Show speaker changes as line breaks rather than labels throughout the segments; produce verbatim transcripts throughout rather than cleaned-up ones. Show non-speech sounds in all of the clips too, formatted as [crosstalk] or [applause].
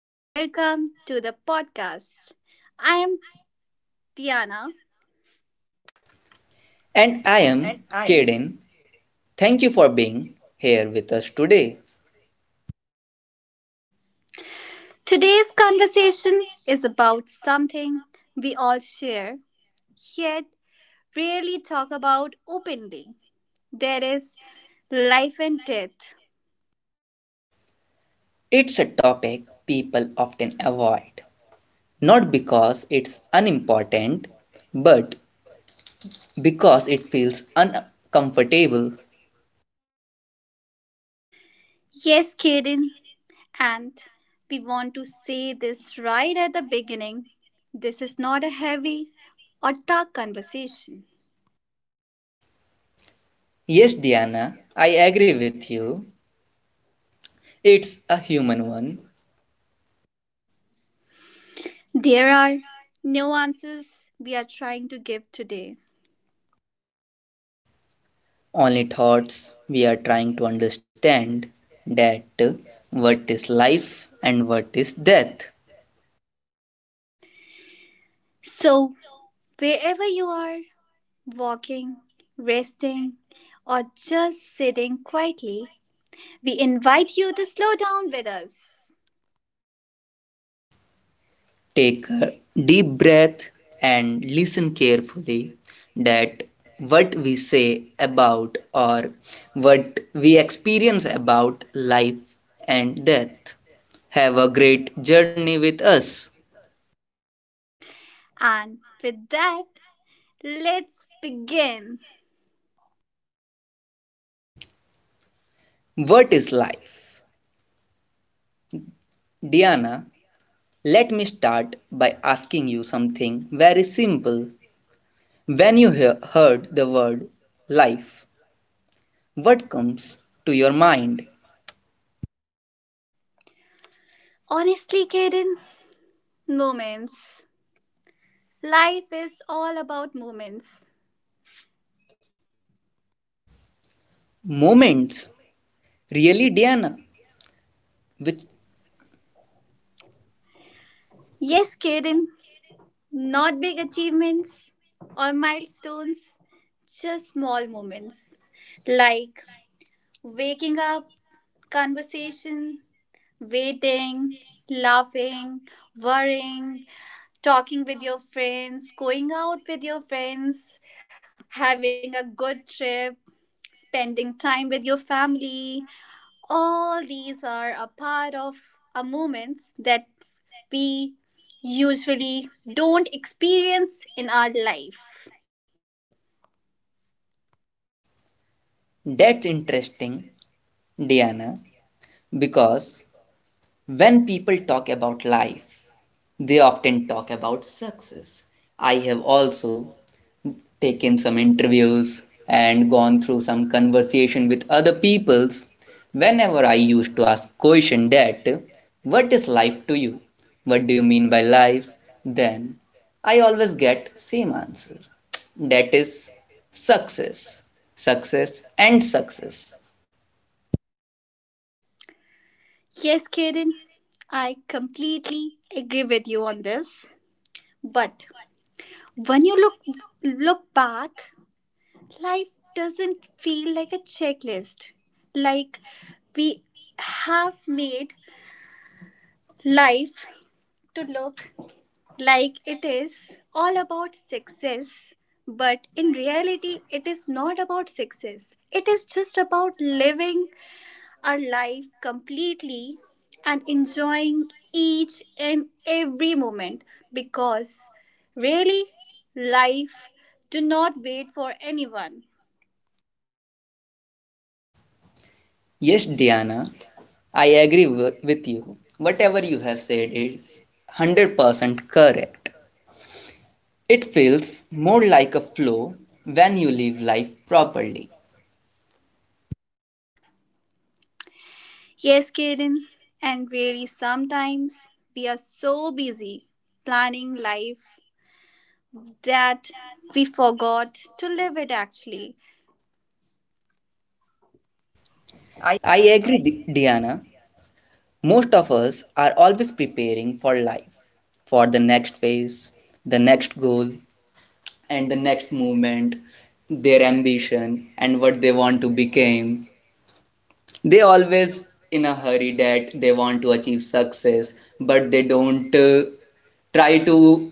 and welcome to the podcast. I am Tiana.
And
And
I
I am.
am Kaden. Thank you for being here with us today.
Today's conversation is about something we all share, yet rarely talk about openly. There is life and death.
It's a topic people often avoid, not because it's unimportant, but because it feels uncomfortable.
Yes, Kaden, and we want to say this right at the beginning. This is not a heavy or dark conversation.
Yes, Diana, I agree with you. It's a human one.
There are nuances we are trying to give today.
Only thoughts we are trying to understand that uh, what is life and what is death.
So, wherever you are, walking, resting, or just sitting quietly, we invite you to slow down with us.
Take a deep breath and listen carefully that what we say about or what we experience about life and death, have a great journey with us.
And with that, let's begin.
What is life, Diana? Let me start by asking you something very simple. When you hear, heard the word life, what comes to your mind?
Honestly, Kaden, moments. Life is all about moments.
Moments, really, Diana?
Which.
Which?
Yes, Kaden, not big achievements or milestones, just small moments like waking up, conversation, waiting, laughing, worrying, talking with your friends, going out with your friends, having a good trip, spending time with your family. All these are a part of our moments that we usually don't experience in our life.
That's interesting, Diana, because when people talk about life, they often talk about success. I have also taken some interviews and gone through some conversation with other peoples. Whenever I used to ask question that what is life to you? What do you mean by life? Then I always get same answer. That is success. Success and success.
Yes, Kiran, I completely agree with you on this. But when you look look back, life doesn't feel like a checklist. Like we have made life to look like it is all about success, but in reality, it is not about success. It is just about living our life completely and enjoying each and every moment, because really life do not wait for anyone.
Yes, Diana, I agree wi- with you. Whatever you have said is one hundred percent correct. It feels more like a flow when you live life properly.
Yes, Kaden, and really sometimes we are so busy planning life that we forgot to live it actually. I.
I agree, Di- Diana. Most of us are always preparing for life, for the next phase, the next goal, and the next movement, their ambition, and what they want to become. They always in a hurry that they want to achieve success, but they don't uh, try to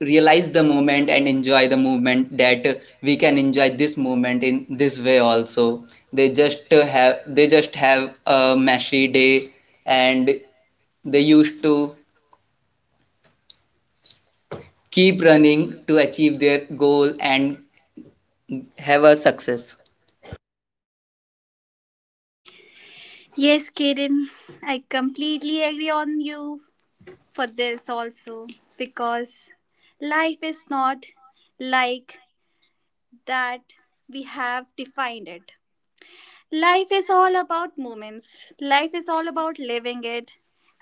realize the moment and enjoy the movement that we can enjoy this moment in this way also. They just have they just have a meshy day, and they used to keep running to achieve their goal and have a success.
Yes, Kaden, I completely agree on you for this also, because life is not like that we have defined it. Life is all about moments, life is all about living it.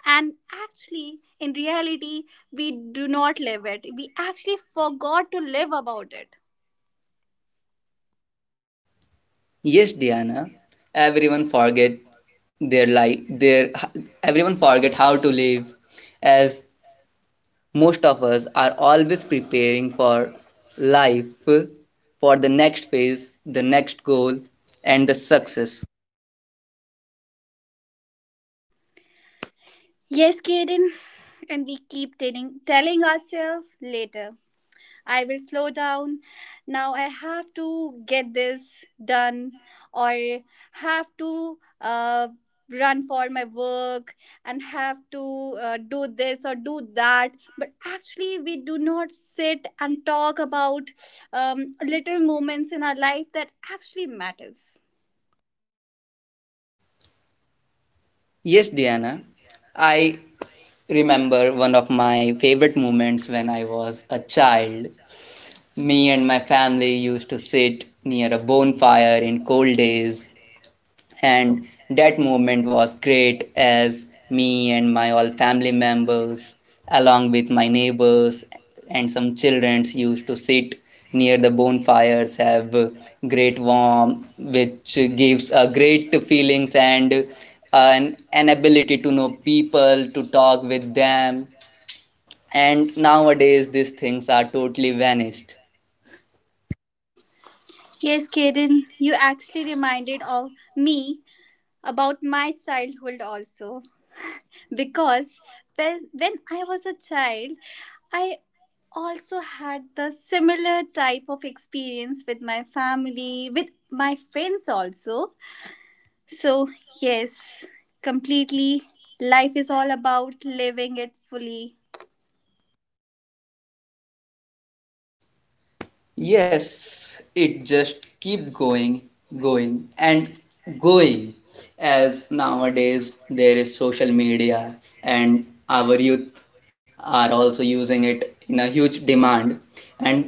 And actually, in reality, we do not live it. We actually forgot to live about it.
Yes, Diana, everyone forget their life their everyone forget how to live, as most of us are always preparing for life, for the next phase, the next goal, and the success.
Yes, Kaden. And we keep telling, telling ourselves later. I will slow down. Now I have to get this done, or have to uh, run for my work, and have to uh, do this or do that. But actually, we do not sit and talk about um, little moments in our life that actually matters.
Yes, Diana, I remember one of my favorite moments when I was a child. Me and my family used to sit near a bonfire in cold days, and that moment was great, as me and my all family members along with my neighbors and some children used to sit near the bonfires, have great warmth, which gives a great feelings, and uh, an, an ability to know people, to talk with them. And nowadays these things are totally vanished.
Yes, Kaden, you actually reminded of me about my childhood also, because when when I was a child, I also had the similar type of experience with my family, with my friends also. So, yes, completely, life is all about living it fully.
Yes, it just keep going, going and going, as nowadays there is social media, and our youth are also using it in a huge demand. and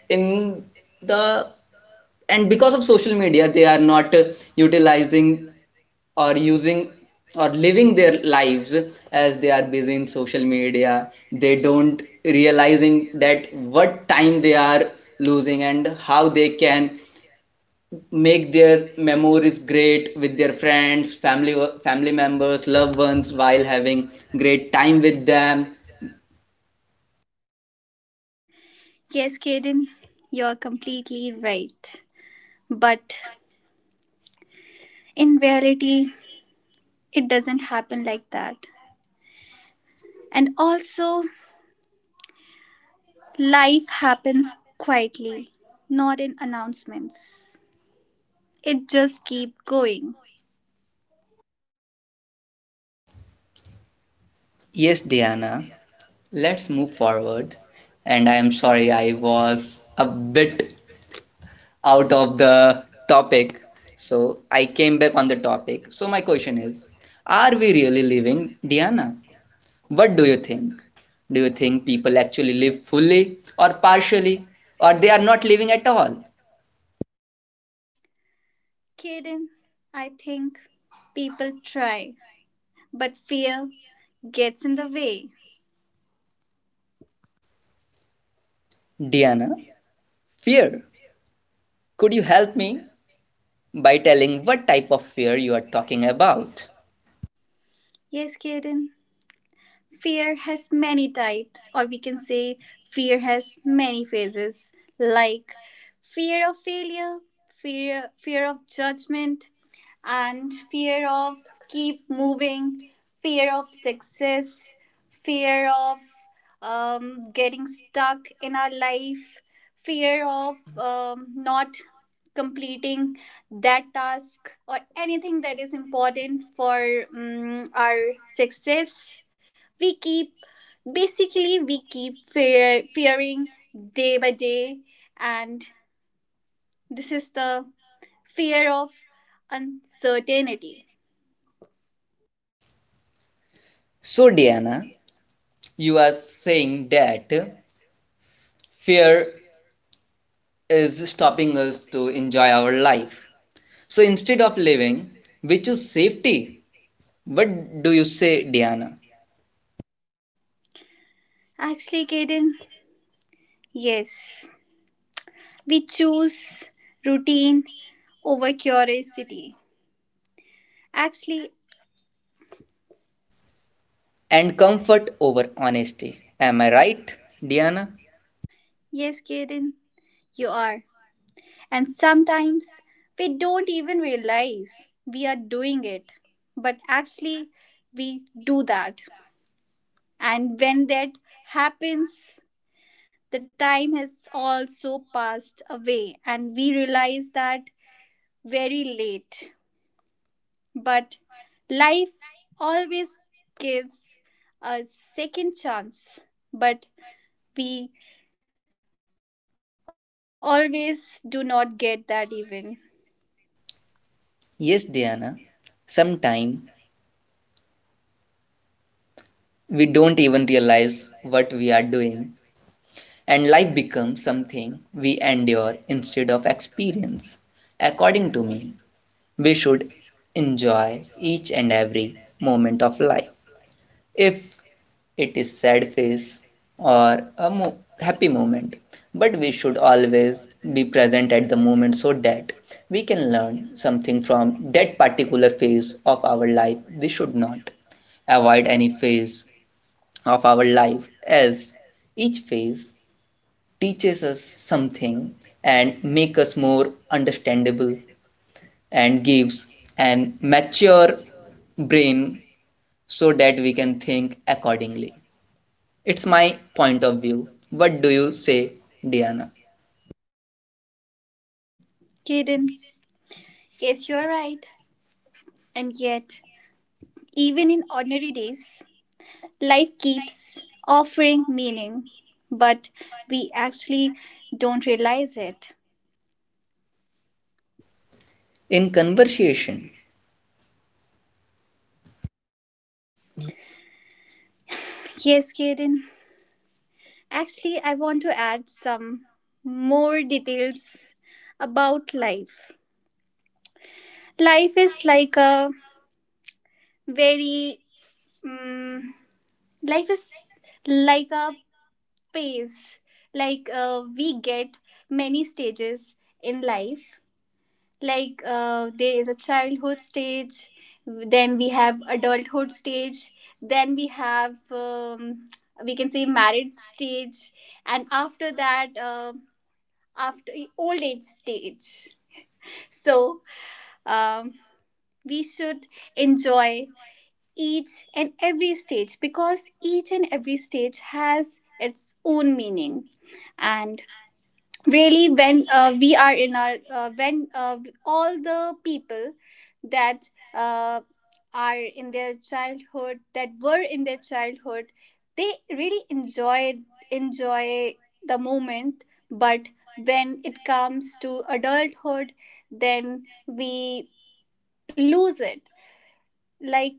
in the and because of social media they are not uh, utilizing or using or living their lives, as they are busy in social media. They don't realizing that what time they are losing and how they can make their memories great with their friends, family, family members, loved ones, while having great time with them.
Yes, Kaden, you're completely right. But in reality, it doesn't happen like that. And also, life happens quietly, not in announcements. It just keep going.
Yes, Diana, let's move forward, and I am sorry I was a bit out of the topic. So I came back on the topic. So my question is, are we really living, Dhyana? What do you think? Do you think people actually live fully or partially, or they are not living at all?
Kaden, I think people try, but fear gets in the way.
Dhyana, fear. Could you help me by telling what type of fear you are talking about?
Yes, Kaden, fear has many types, or we can say fear has many phases, like fear of failure, fear, fear of judgment, and fear of keep moving, fear of success, fear of um, getting stuck in our life, fear of um, not completing that task or anything that is important for um, our success. We keep, basically we keep fear, fearing day by day, and this is the fear of uncertainty.
So Diana, you are saying that fear is stopping us to enjoy our life. So instead of living, we choose safety. What do you say, Diana?
Actually, Kaden, yes, we choose routine over curiosity, actually.
And comfort over honesty. Am I right, Diana?
Yes, Kaden, you are. And sometimes we don't even realize we are doing it, but actually we do that. And when that happens, the time has also passed away and we realize that very late. But life always gives a second chance, but we always do not get that even.
Yes, Diana. Sometimes we don't even realize what we are doing, and life becomes something we endure instead of experience. According to me, we should enjoy each and every moment of life. If it is sad phase or a mo- happy moment, but we should always be present at the moment so that we can learn something from that particular phase of our life. We should not avoid any phase of our life, as each phase teaches us something and make us more understandable and gives an mature brain so that we can think accordingly. It's my point of view. What do you say, Diana?
Kaden, yes, you're right. And yet, even in ordinary days, life keeps offering meaning, but we actually don't realize it.
In conversation,
Yes, Kaden, actually, I want to add some more details about life. Life is like a very, um, life is like a phase. Like uh, we get many stages in life. Like uh, there is a childhood stage, then we have adulthood stage, then we have um, we can say married stage, and after that. Uh, after old age stage. So um, we should enjoy each and every stage, because each and every stage has its own meaning. And really when uh, we are in our uh, when uh, all the people that uh, are in their childhood that were in their childhood, they really enjoyed enjoy the moment. But when it comes to adulthood, then we lose it. Like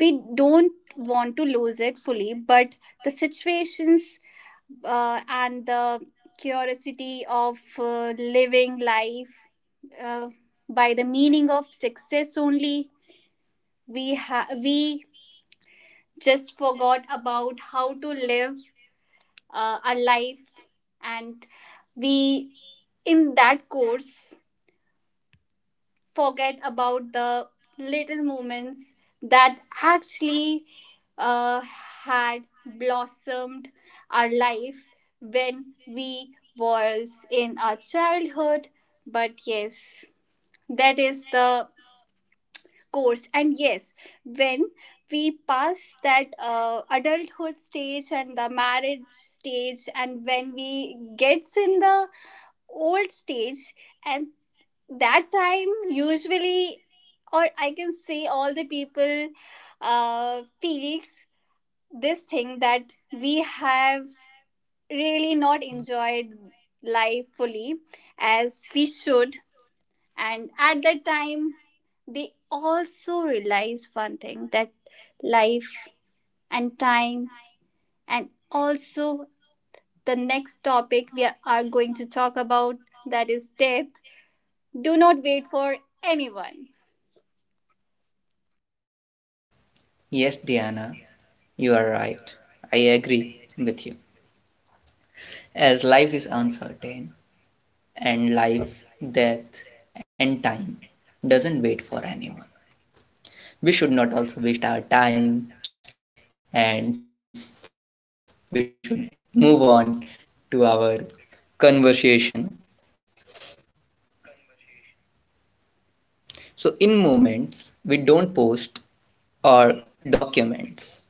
we don't want to lose it fully, but the situations uh, and the curiosity of uh, living life uh, by the meaning of success only, we ha- we just forgot about how to live uh, our life, and we in that course forget about the little moments that actually uh, had blossomed our life when we was in our childhood. But yes, that is the course. And yes, when we pass that uh, adulthood stage and the marriage stage, and when we gets in the old stage, and that time usually, or I can say all the people uh, feels this thing that we have really not enjoyed life fully as we should. And at that time, they also realize one thing, that life and time, and also the next topic we are going to talk about, that is death, do not wait for anyone.
yes, Diana, you are right. I agree with you. As life is uncertain, and life, death, and time doesn't wait for anyone, we should not also waste our time, and we should move on to our conversation. So, in moments, we don't post or documents.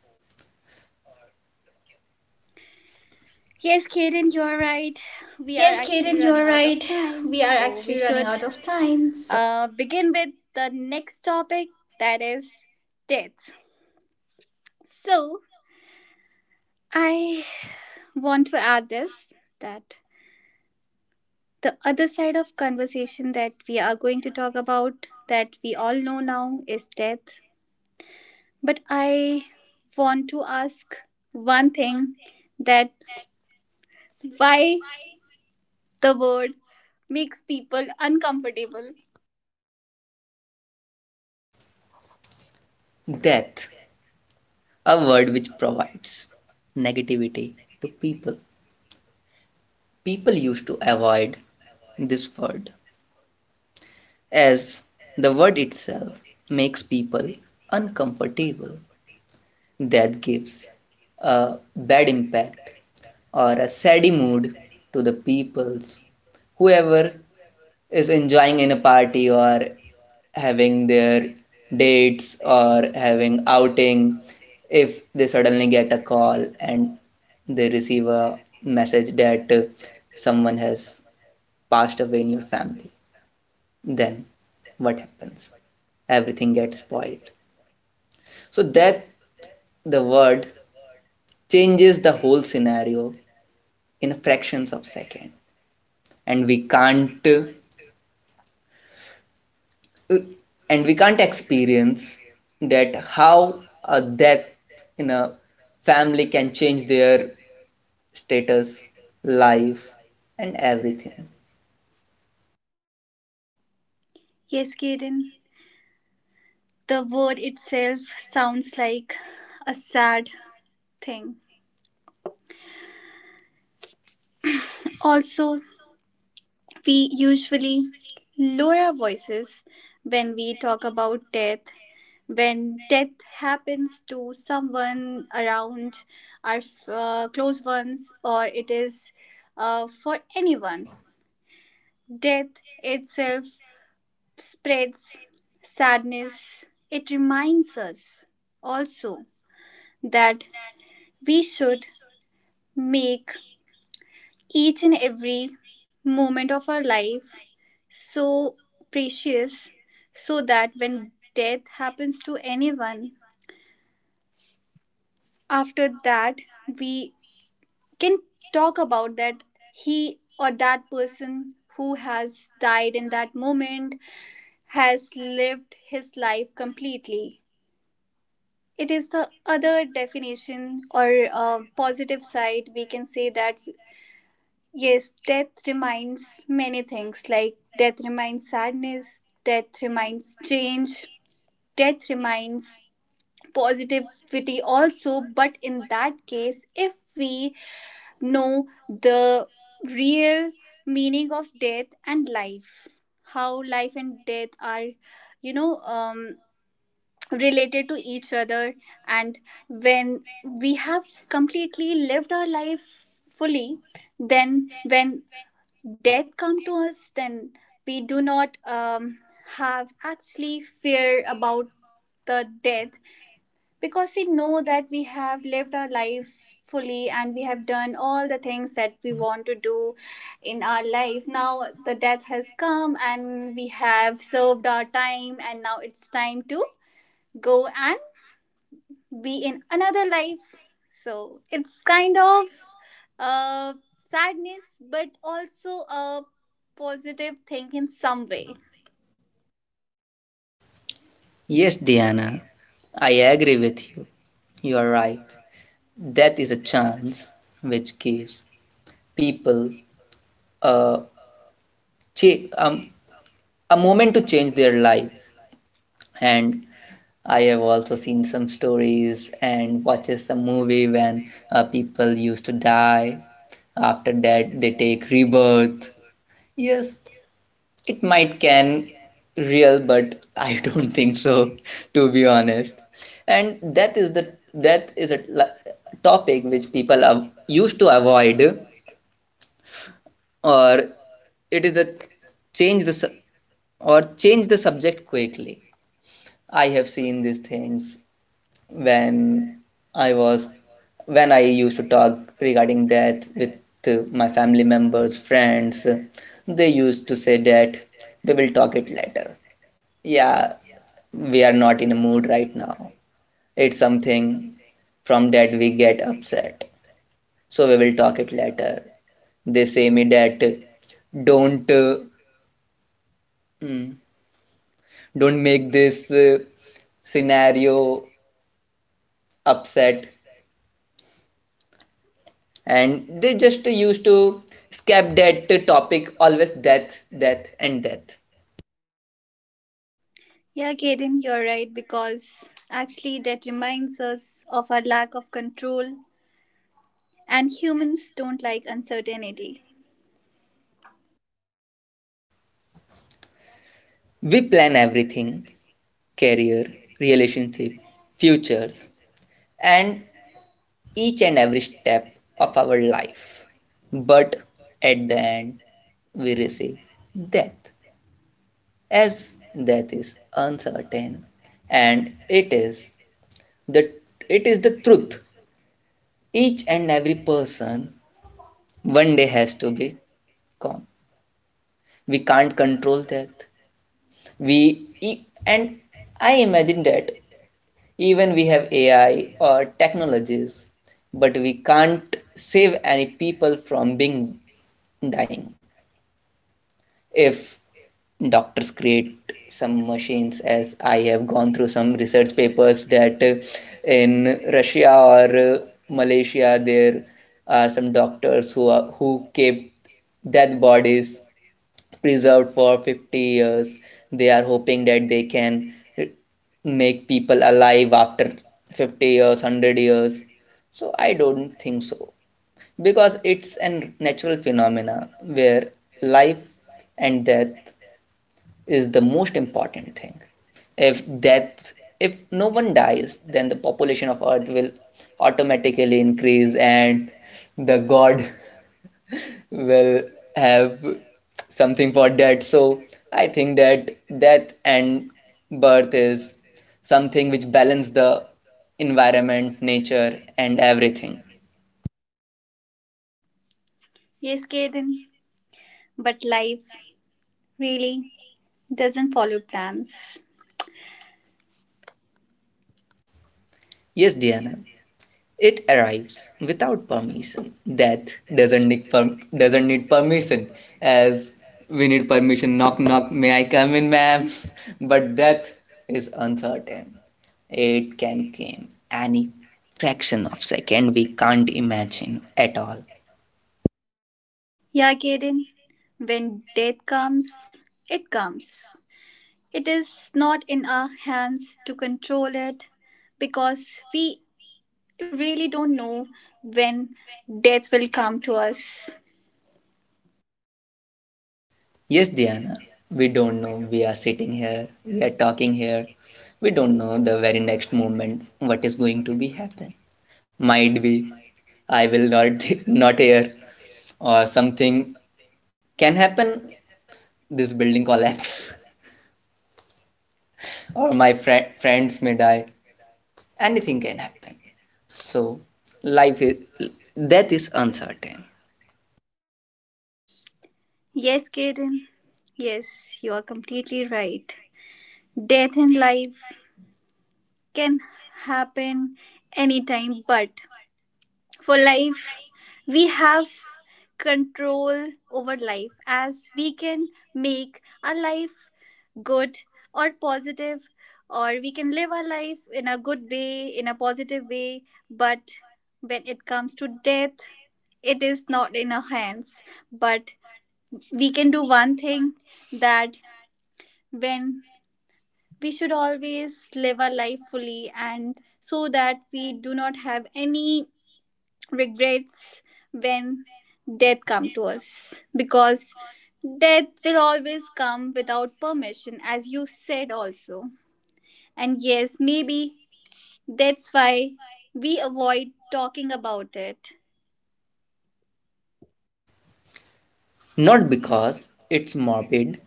Yes, Kaden, you're right. We are actually running out of time. So we should uh, begin with the next topic, that is death. So I want to add this, that the other side of conversation that we are going to talk about, that we all know now, is death. But I want to ask one thing, that why the word makes people uncomfortable.
Death, a word which provides negativity to people. People used to avoid this word, as the word itself makes people uncomfortable. That gives a bad impact or a sad mood to the peoples. Whoever is enjoying in a party or having their dates or having outing, if they suddenly get a call and they receive a message that uh, someone has passed away in your family, then what happens? Everything gets spoiled. So death, the word, changes the whole scenario in a fractions of second. And we can't uh, and we can't experience that how a death in a family can change their status, life, and everything.
Yes, Kaden. The word itself sounds like a sad thing. Also, we usually lower our voices when we talk about death. When death happens to someone around our uh, close ones, or it is uh, for anyone, death itself spreads sadness. It reminds us also that we should make each and every moment of our life so precious, so that when death happens to anyone, after that we can talk about that he, or that person who has died in that moment, has lived his life completely. It is the other definition, or uh, positive side we can say, that yes, death reminds many things, like death reminds sadness, death reminds change, death reminds positivity also. But in that case, if we know the real meaning of death and life, how life and death are, you know, um, related to each other, and when we have completely lived our life fully, then when death come to us, then we do not um, have actually fear about the death, because we know that we have lived our life fully and we have done all the things that we want to do in our life. Now the death has come and we have served our time, and now it's time to go and be in another life. So it's kind of uh, sadness, but also a positive thing in some way.
Yes, Diana, I agree with you. You are right. Death is a chance which gives people a, cha- um, a moment to change their life. And I have also seen some stories and watches some movie when uh, people used to die. After that, they take rebirth. Yes, it might can real, but [laughs] I don't think so, to be honest. And that is the that is a la- topic which people are used to avoid, or it is a change the su- or change the subject quickly. I have seen these things when I was when I used to talk regarding that with uh, my family members, friends. They used to say that we will talk it later. Yeah, we are not in a mood right now. It's something from that we get upset. So we will talk it later. They say me that uh, don't uh, mm, don't make this uh, scenario upset, and they just used to skip that topic. Always death, death, and death.
Yeah, Kaden, you're right, because actually that reminds us of our lack of control, and humans don't like uncertainty.
We plan everything, career, relationship, futures, and each and every step of our life, but at the end we receive death, as death is uncertain. And it is the it is the truth. Each and every person one day has to be gone. We can't control that. We e- and I imagine that even we have AI or technologies, but we can't save any people from being dying. If doctors create some machines, as I have gone through some research papers that uh, in Russia or uh, Malaysia, there are some doctors who are, who kept dead bodies preserved for fifty years. They are hoping that they can make people alive after fifty years, one hundred years. So I don't think so, because it's a natural phenomena where life and death is the most important thing. If death, if no one dies, then the population of Earth will automatically increase, and the God will have something for that. So I think that death and birth is something which balance the environment, nature, and everything.
Yes, Kaden, but life really doesn't follow plans.
Yes, Diana. It arrives without permission. Death doesn't need per- doesn't need permission, as we need permission. Knock knock. May I come in, ma'am? [laughs] But death is uncertain. It can come any fraction of second. We can't imagine at all.
Yeah, Kaden, when death comes, it comes. It is not in our hands to control it, because we really don't know when death will come to us.
Yes, Diana. We don't know. We are sitting here. We are talking here. We don't know the very next moment what is going to be happen. Might be I will not [laughs] not hear. Or something can happen. This building collapse, [laughs] or my fri friends may die. Anything can happen. So, life is death is uncertain.
Yes, Kaden. Yes, you are completely right. Death in life can happen anytime, but for life, we have control over life, as we can make our life good or positive, or we can live our life in a good way, in a positive way. But when it comes to death, it is not in our hands. But we can do one thing, that when we should always live our life fully, and so that we do not have any regrets when death come to us, because death will always come without permission, as you said also. And yes, maybe that's why we avoid talking about it.
Not because it's morbid,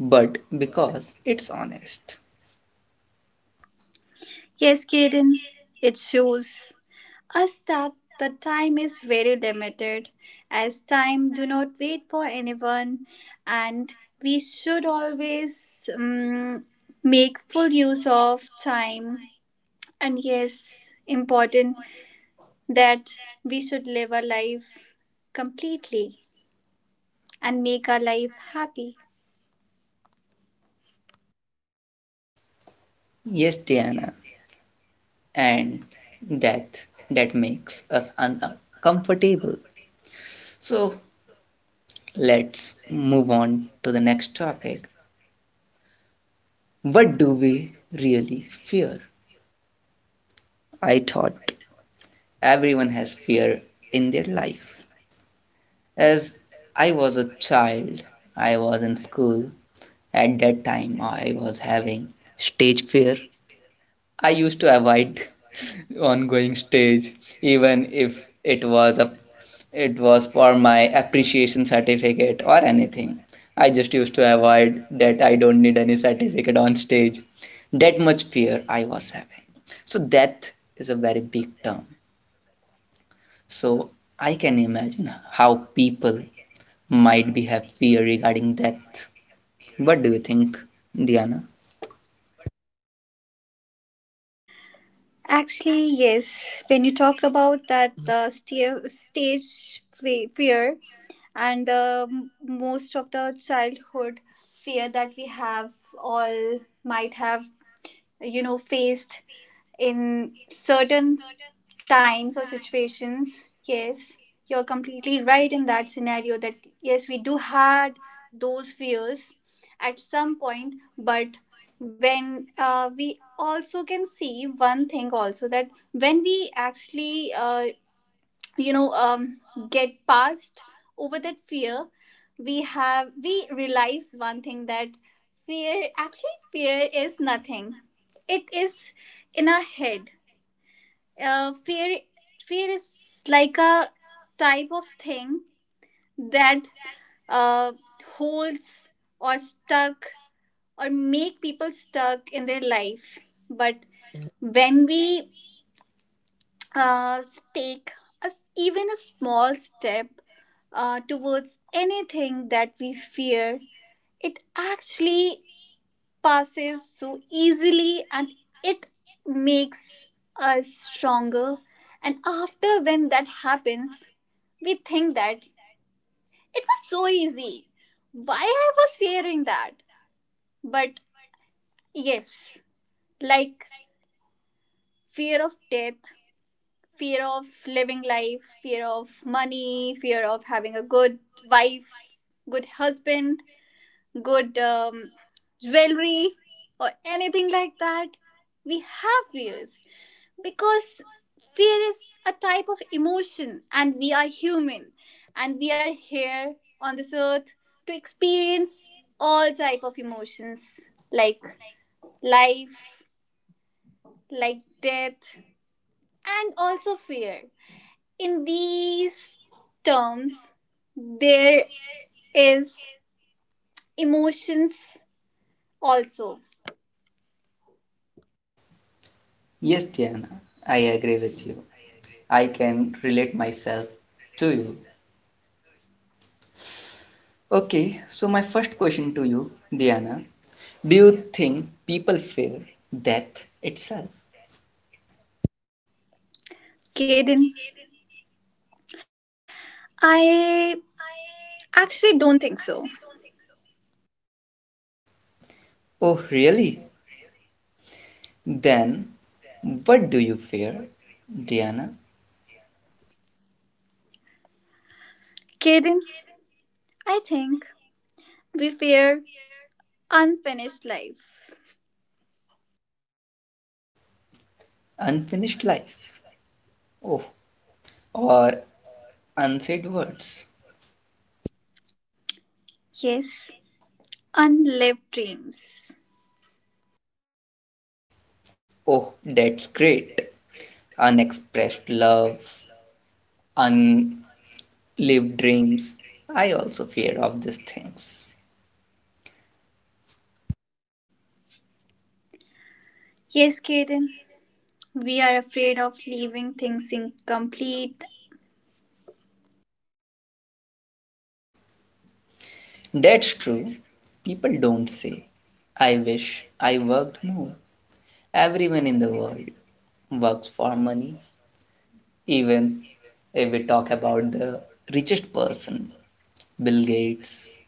but because it's honest.
Yes, Kiran, it shows us that the time is very limited, as time do not wait for anyone. And we should always um, make full use of time, and yes, important that we should live our life completely and make our life happy.
Yes, Diana, and death that makes us uncomfortable. So, let's move on to the next topic. What do we really fear? I thought everyone has fear in their life. As I was a child, I was in school. At that time, I was having stage fear. I used to avoid [laughs] ongoing stage, even if it was a it was for my appreciation certificate or anything. I just used to avoid that I don't need any certificate on stage. That much fear I was having. So death is a very big term. So I can imagine how people might be have fear regarding death. What do you think, Diana?
Actually, yes. When you talked about that uh, sta- stage fe- fear, and the m- most of the childhood fear that we have all might have, you know, faced in certain times or situations, yes, you're completely right in that scenario that yes, we do had those fears at some point. But when uh, we also can see one thing also, that when we actually uh, you know, um, get past over that fear, we have we realize one thing, that fear, actually fear is nothing. It is in our head. uh, fear Fear is like a type of thing that uh, holds or stuck or make people stuck in their life. But when we uh, take a s even a small step uh, towards anything that we fear, it actually passes so easily, and it makes us stronger. And after, when that happens, we think that it was so easy. Why I was fearing that? But yes, like fear of death, fear of living life, fear of money, fear of having a good wife, good husband, good um, jewelry, or anything like that. We have fears, because fear is a type of emotion and we are human and we are here on this earth to experience all type of emotions, like life, like death, and also fear. In these terms, there is emotions also.
Yes, Diana, I agree with you. I can relate myself to you. Okay, so my first question to you, Diana, do you think people fear death itself?
Kaden, I actually don't think so.
Oh, really? Then what do you fear, Diana?
Kaden, I think we fear unfinished life.
Unfinished life. Oh, or unsaid words.
Yes. Unlived dreams.
Oh, that's great. Unexpressed love, unlived dreams. I also fear of these things.
Yes, Kaden. We are afraid of leaving things incomplete.
That's true. People don't say, I wish I worked more. Everyone in the world works for money. Even if we talk about the richest person, Bill Gates,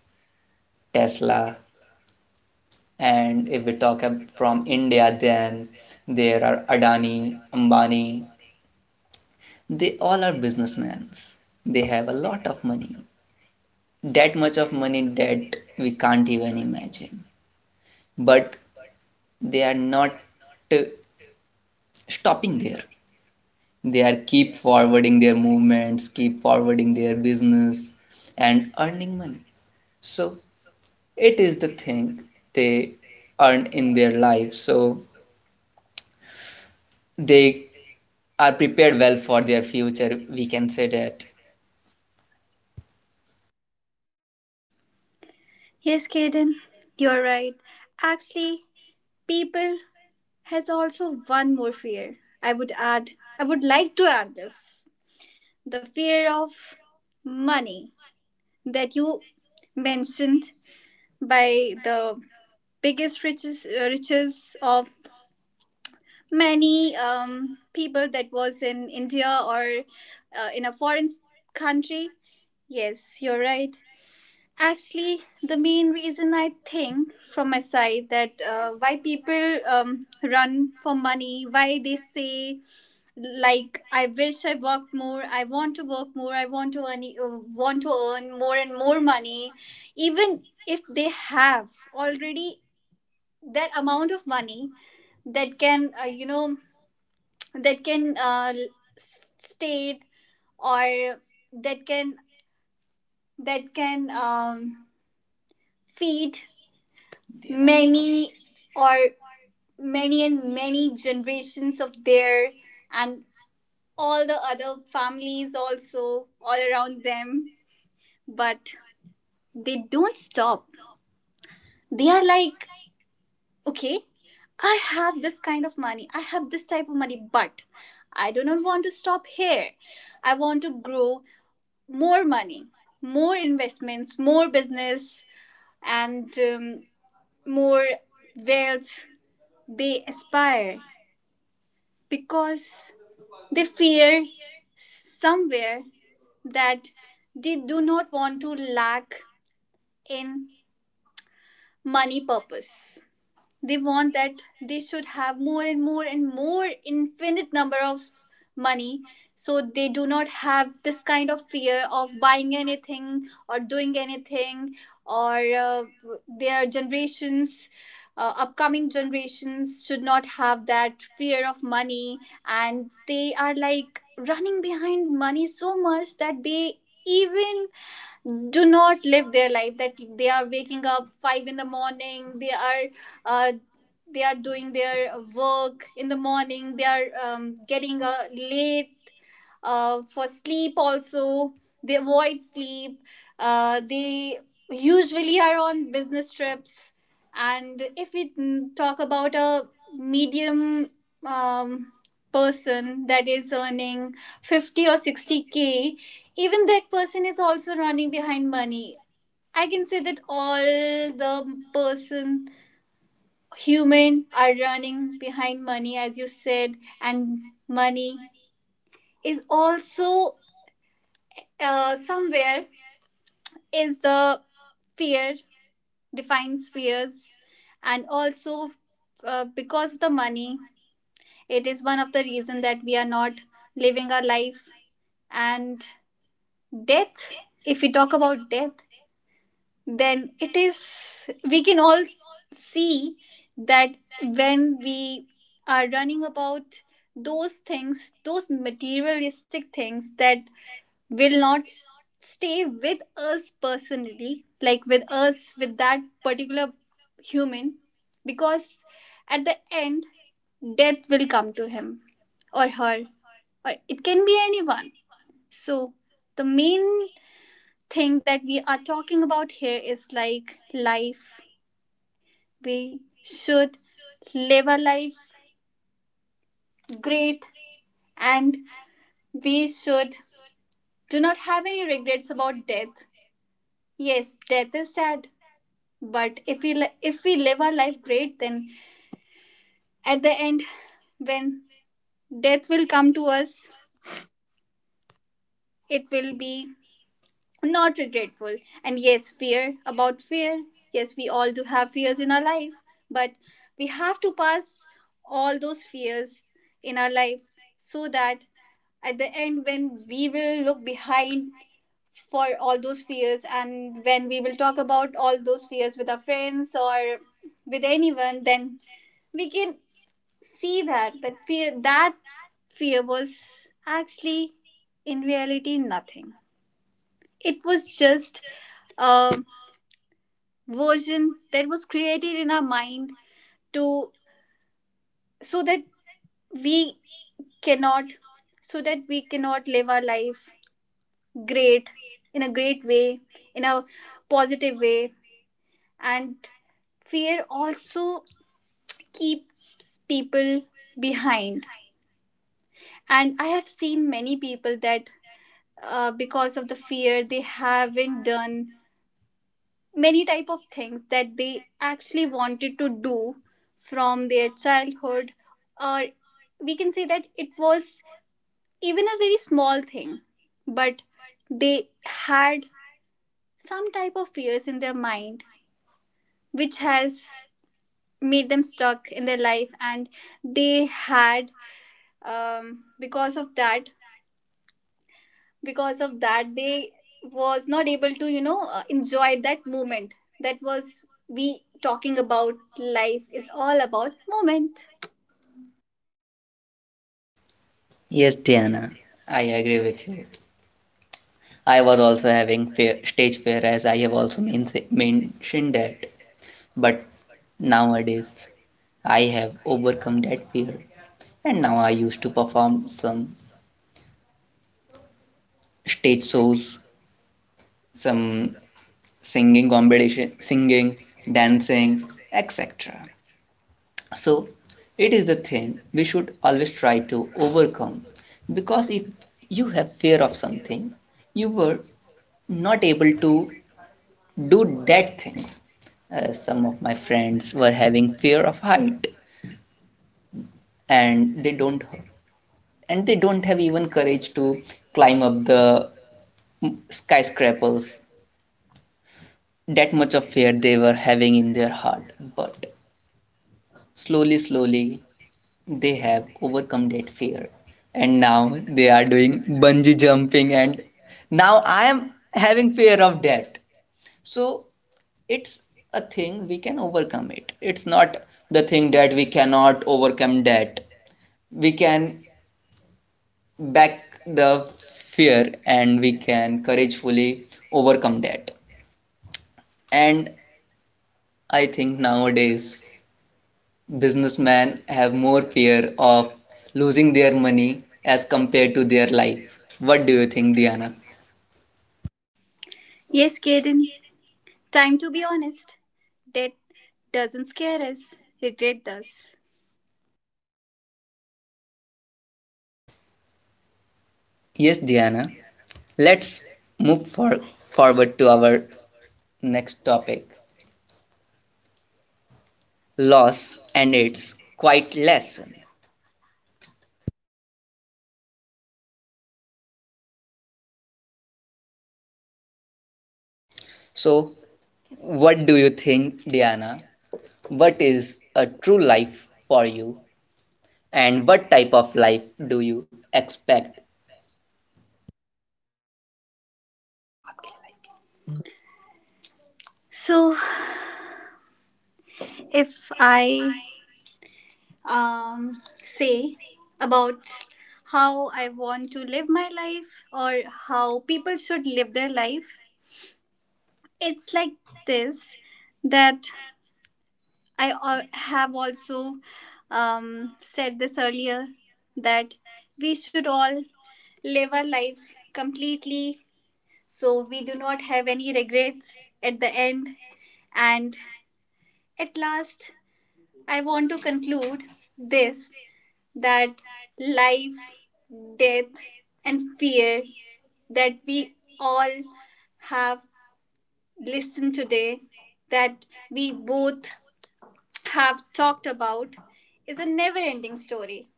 Tesla, and if we talk ab- from India, then there are Adani, Ambani, they all are businessmen. They have a lot of money. That much of money that we can't even imagine. But they are not uh, stopping there. They are keep forwarding their movements, keep forwarding their business and earning money. So it is the thing they earn in their life. So they are prepared well for their future. We can say that.
Yes, Kaden, you're right. Actually, people has also one more fear. I would add, I would like to add this, the fear of money that you mentioned by the biggest riches, uh, riches of many um, people that was in India or uh, in a foreign s- country. Yes, you're right. Actually, the main reason I think from my side that uh, why people um, run for money, why they say like I wish I worked more, I want to work more, I want to earn, uh, want to earn more and more money, even if they have already that amount of money that can uh, you know, that can uh, l- s- state, or that can, that can um, feed many, or many and many generations of their and all the other families also all around them. But they don't stop. They are like, okay, I have this kind of money, I have this type of money, but I do not want to stop here. I want to grow more money, more investments, more business, and um, more wealth they aspire, because they fear somewhere that they do not want to lack in money purpose. They want that they should have more and more and more infinite number of money, so they do not have this kind of fear of buying anything or doing anything. Or uh, their generations, uh, upcoming generations should not have that fear of money, and they are like running behind money so much that they even do not live their life, that they are waking up five in the morning, they are uh, they are doing their work in the morning, they are um, getting uh, late uh, for sleep also. They avoid sleep. uh, they usually are on business trips. And if we mm, talk about a medium um, person that is earning fifty or sixty k, even that person is also running behind money. I can say that all the person human are running behind money, as you said. And money is also uh, somewhere is the fear, defines fears. And also uh, because of the money, it is one of the reason that we are not living our life. And death, if we talk about death, then it is, we can all s- see that when we are running about those things, those materialistic things that will not s- stay with us personally, like with us, with that particular human, because at the end, death will come to him or her, or it can be anyone. So, the main thing that we are talking about here is like life. We should live a life great, and we should do not have any regrets about death. Yes, death is sad, but if we li- if we live our life great, then at the end when death will come to us, it will be not regretful. And yes, fear about fear, yes, we all do have fears in our life, but we have to pass all those fears in our life, so that at the end, when we will look behind for all those fears, and when we will talk about all those fears with our friends or with anyone, then we can see that that fear that fear was actually in reality nothing. It was just a version that was created in our mind to, so that we cannot, so that we cannot live our life great, in a great way, in a positive way. And fear also keeps people behind, and I have seen many people that uh, because of the fear, they haven't done many type of things that they actually wanted to do from their childhood, or we can say that it was even a very small thing, but they had some type of fears in their mind which has made them stuck in their life. And they had um, because of that, because of that they was not able to, you know, uh, enjoy that moment. That was, we talking about life is all about moment.
Yes, Diana, I agree with you. I was also having fear, stage fear, as I have also men- mentioned that. But nowadays, I have overcome that fear, and now I used to perform some stage shows, some singing competition, singing, dancing, et cetera. So, it is the thing we should always try to overcome, because if you have fear of something, you were not able to do that things. Uh, some of my friends were having fear of height, and they don't and they don't have even courage to climb up the mm, skyscrapers. That much of fear they were having in their heart. But slowly, slowly, they have overcome that fear. And now they are doing bungee jumping, and now I am having fear of that. So it's a thing we can overcome it. It's not the thing that we cannot overcome. That we can back the fear, and we can couragefully overcome that. And I think nowadays businessmen have more fear of losing their money as compared to their life. What do you think, Diana?
Yes, Kaden, time to be honest, death doesn't scare us, regret does.
Yes, Diana, let's move for, forward to our next topic, loss and its quite lesson. So, what do you think, Diana? What is a true life for you, and what type of life do you expect?
So if I um say about how I want to live my life or how people should live their life, it's like this, that I al- have also um, said this earlier that we should all live our life completely, so we do not have any regrets at the end. And at last, I want to conclude this, that life, death, and fear that we all have listened today, that we both have talked about, is a never ending story.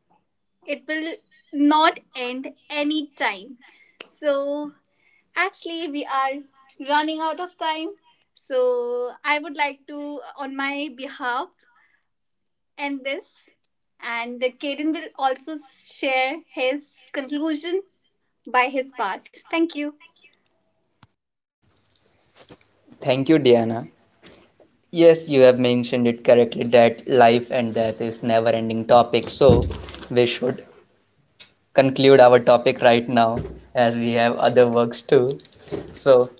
It will not end anytime. So, actually, we are running out of time. So, I would like to, on my behalf, end this. And Kaden will also share his conclusion by his part. Thank you.
Thank you, Diana. Yes, you have mentioned it correctly that life and death is never-ending topic. So, we should conclude our topic right now, as we have other works too. So,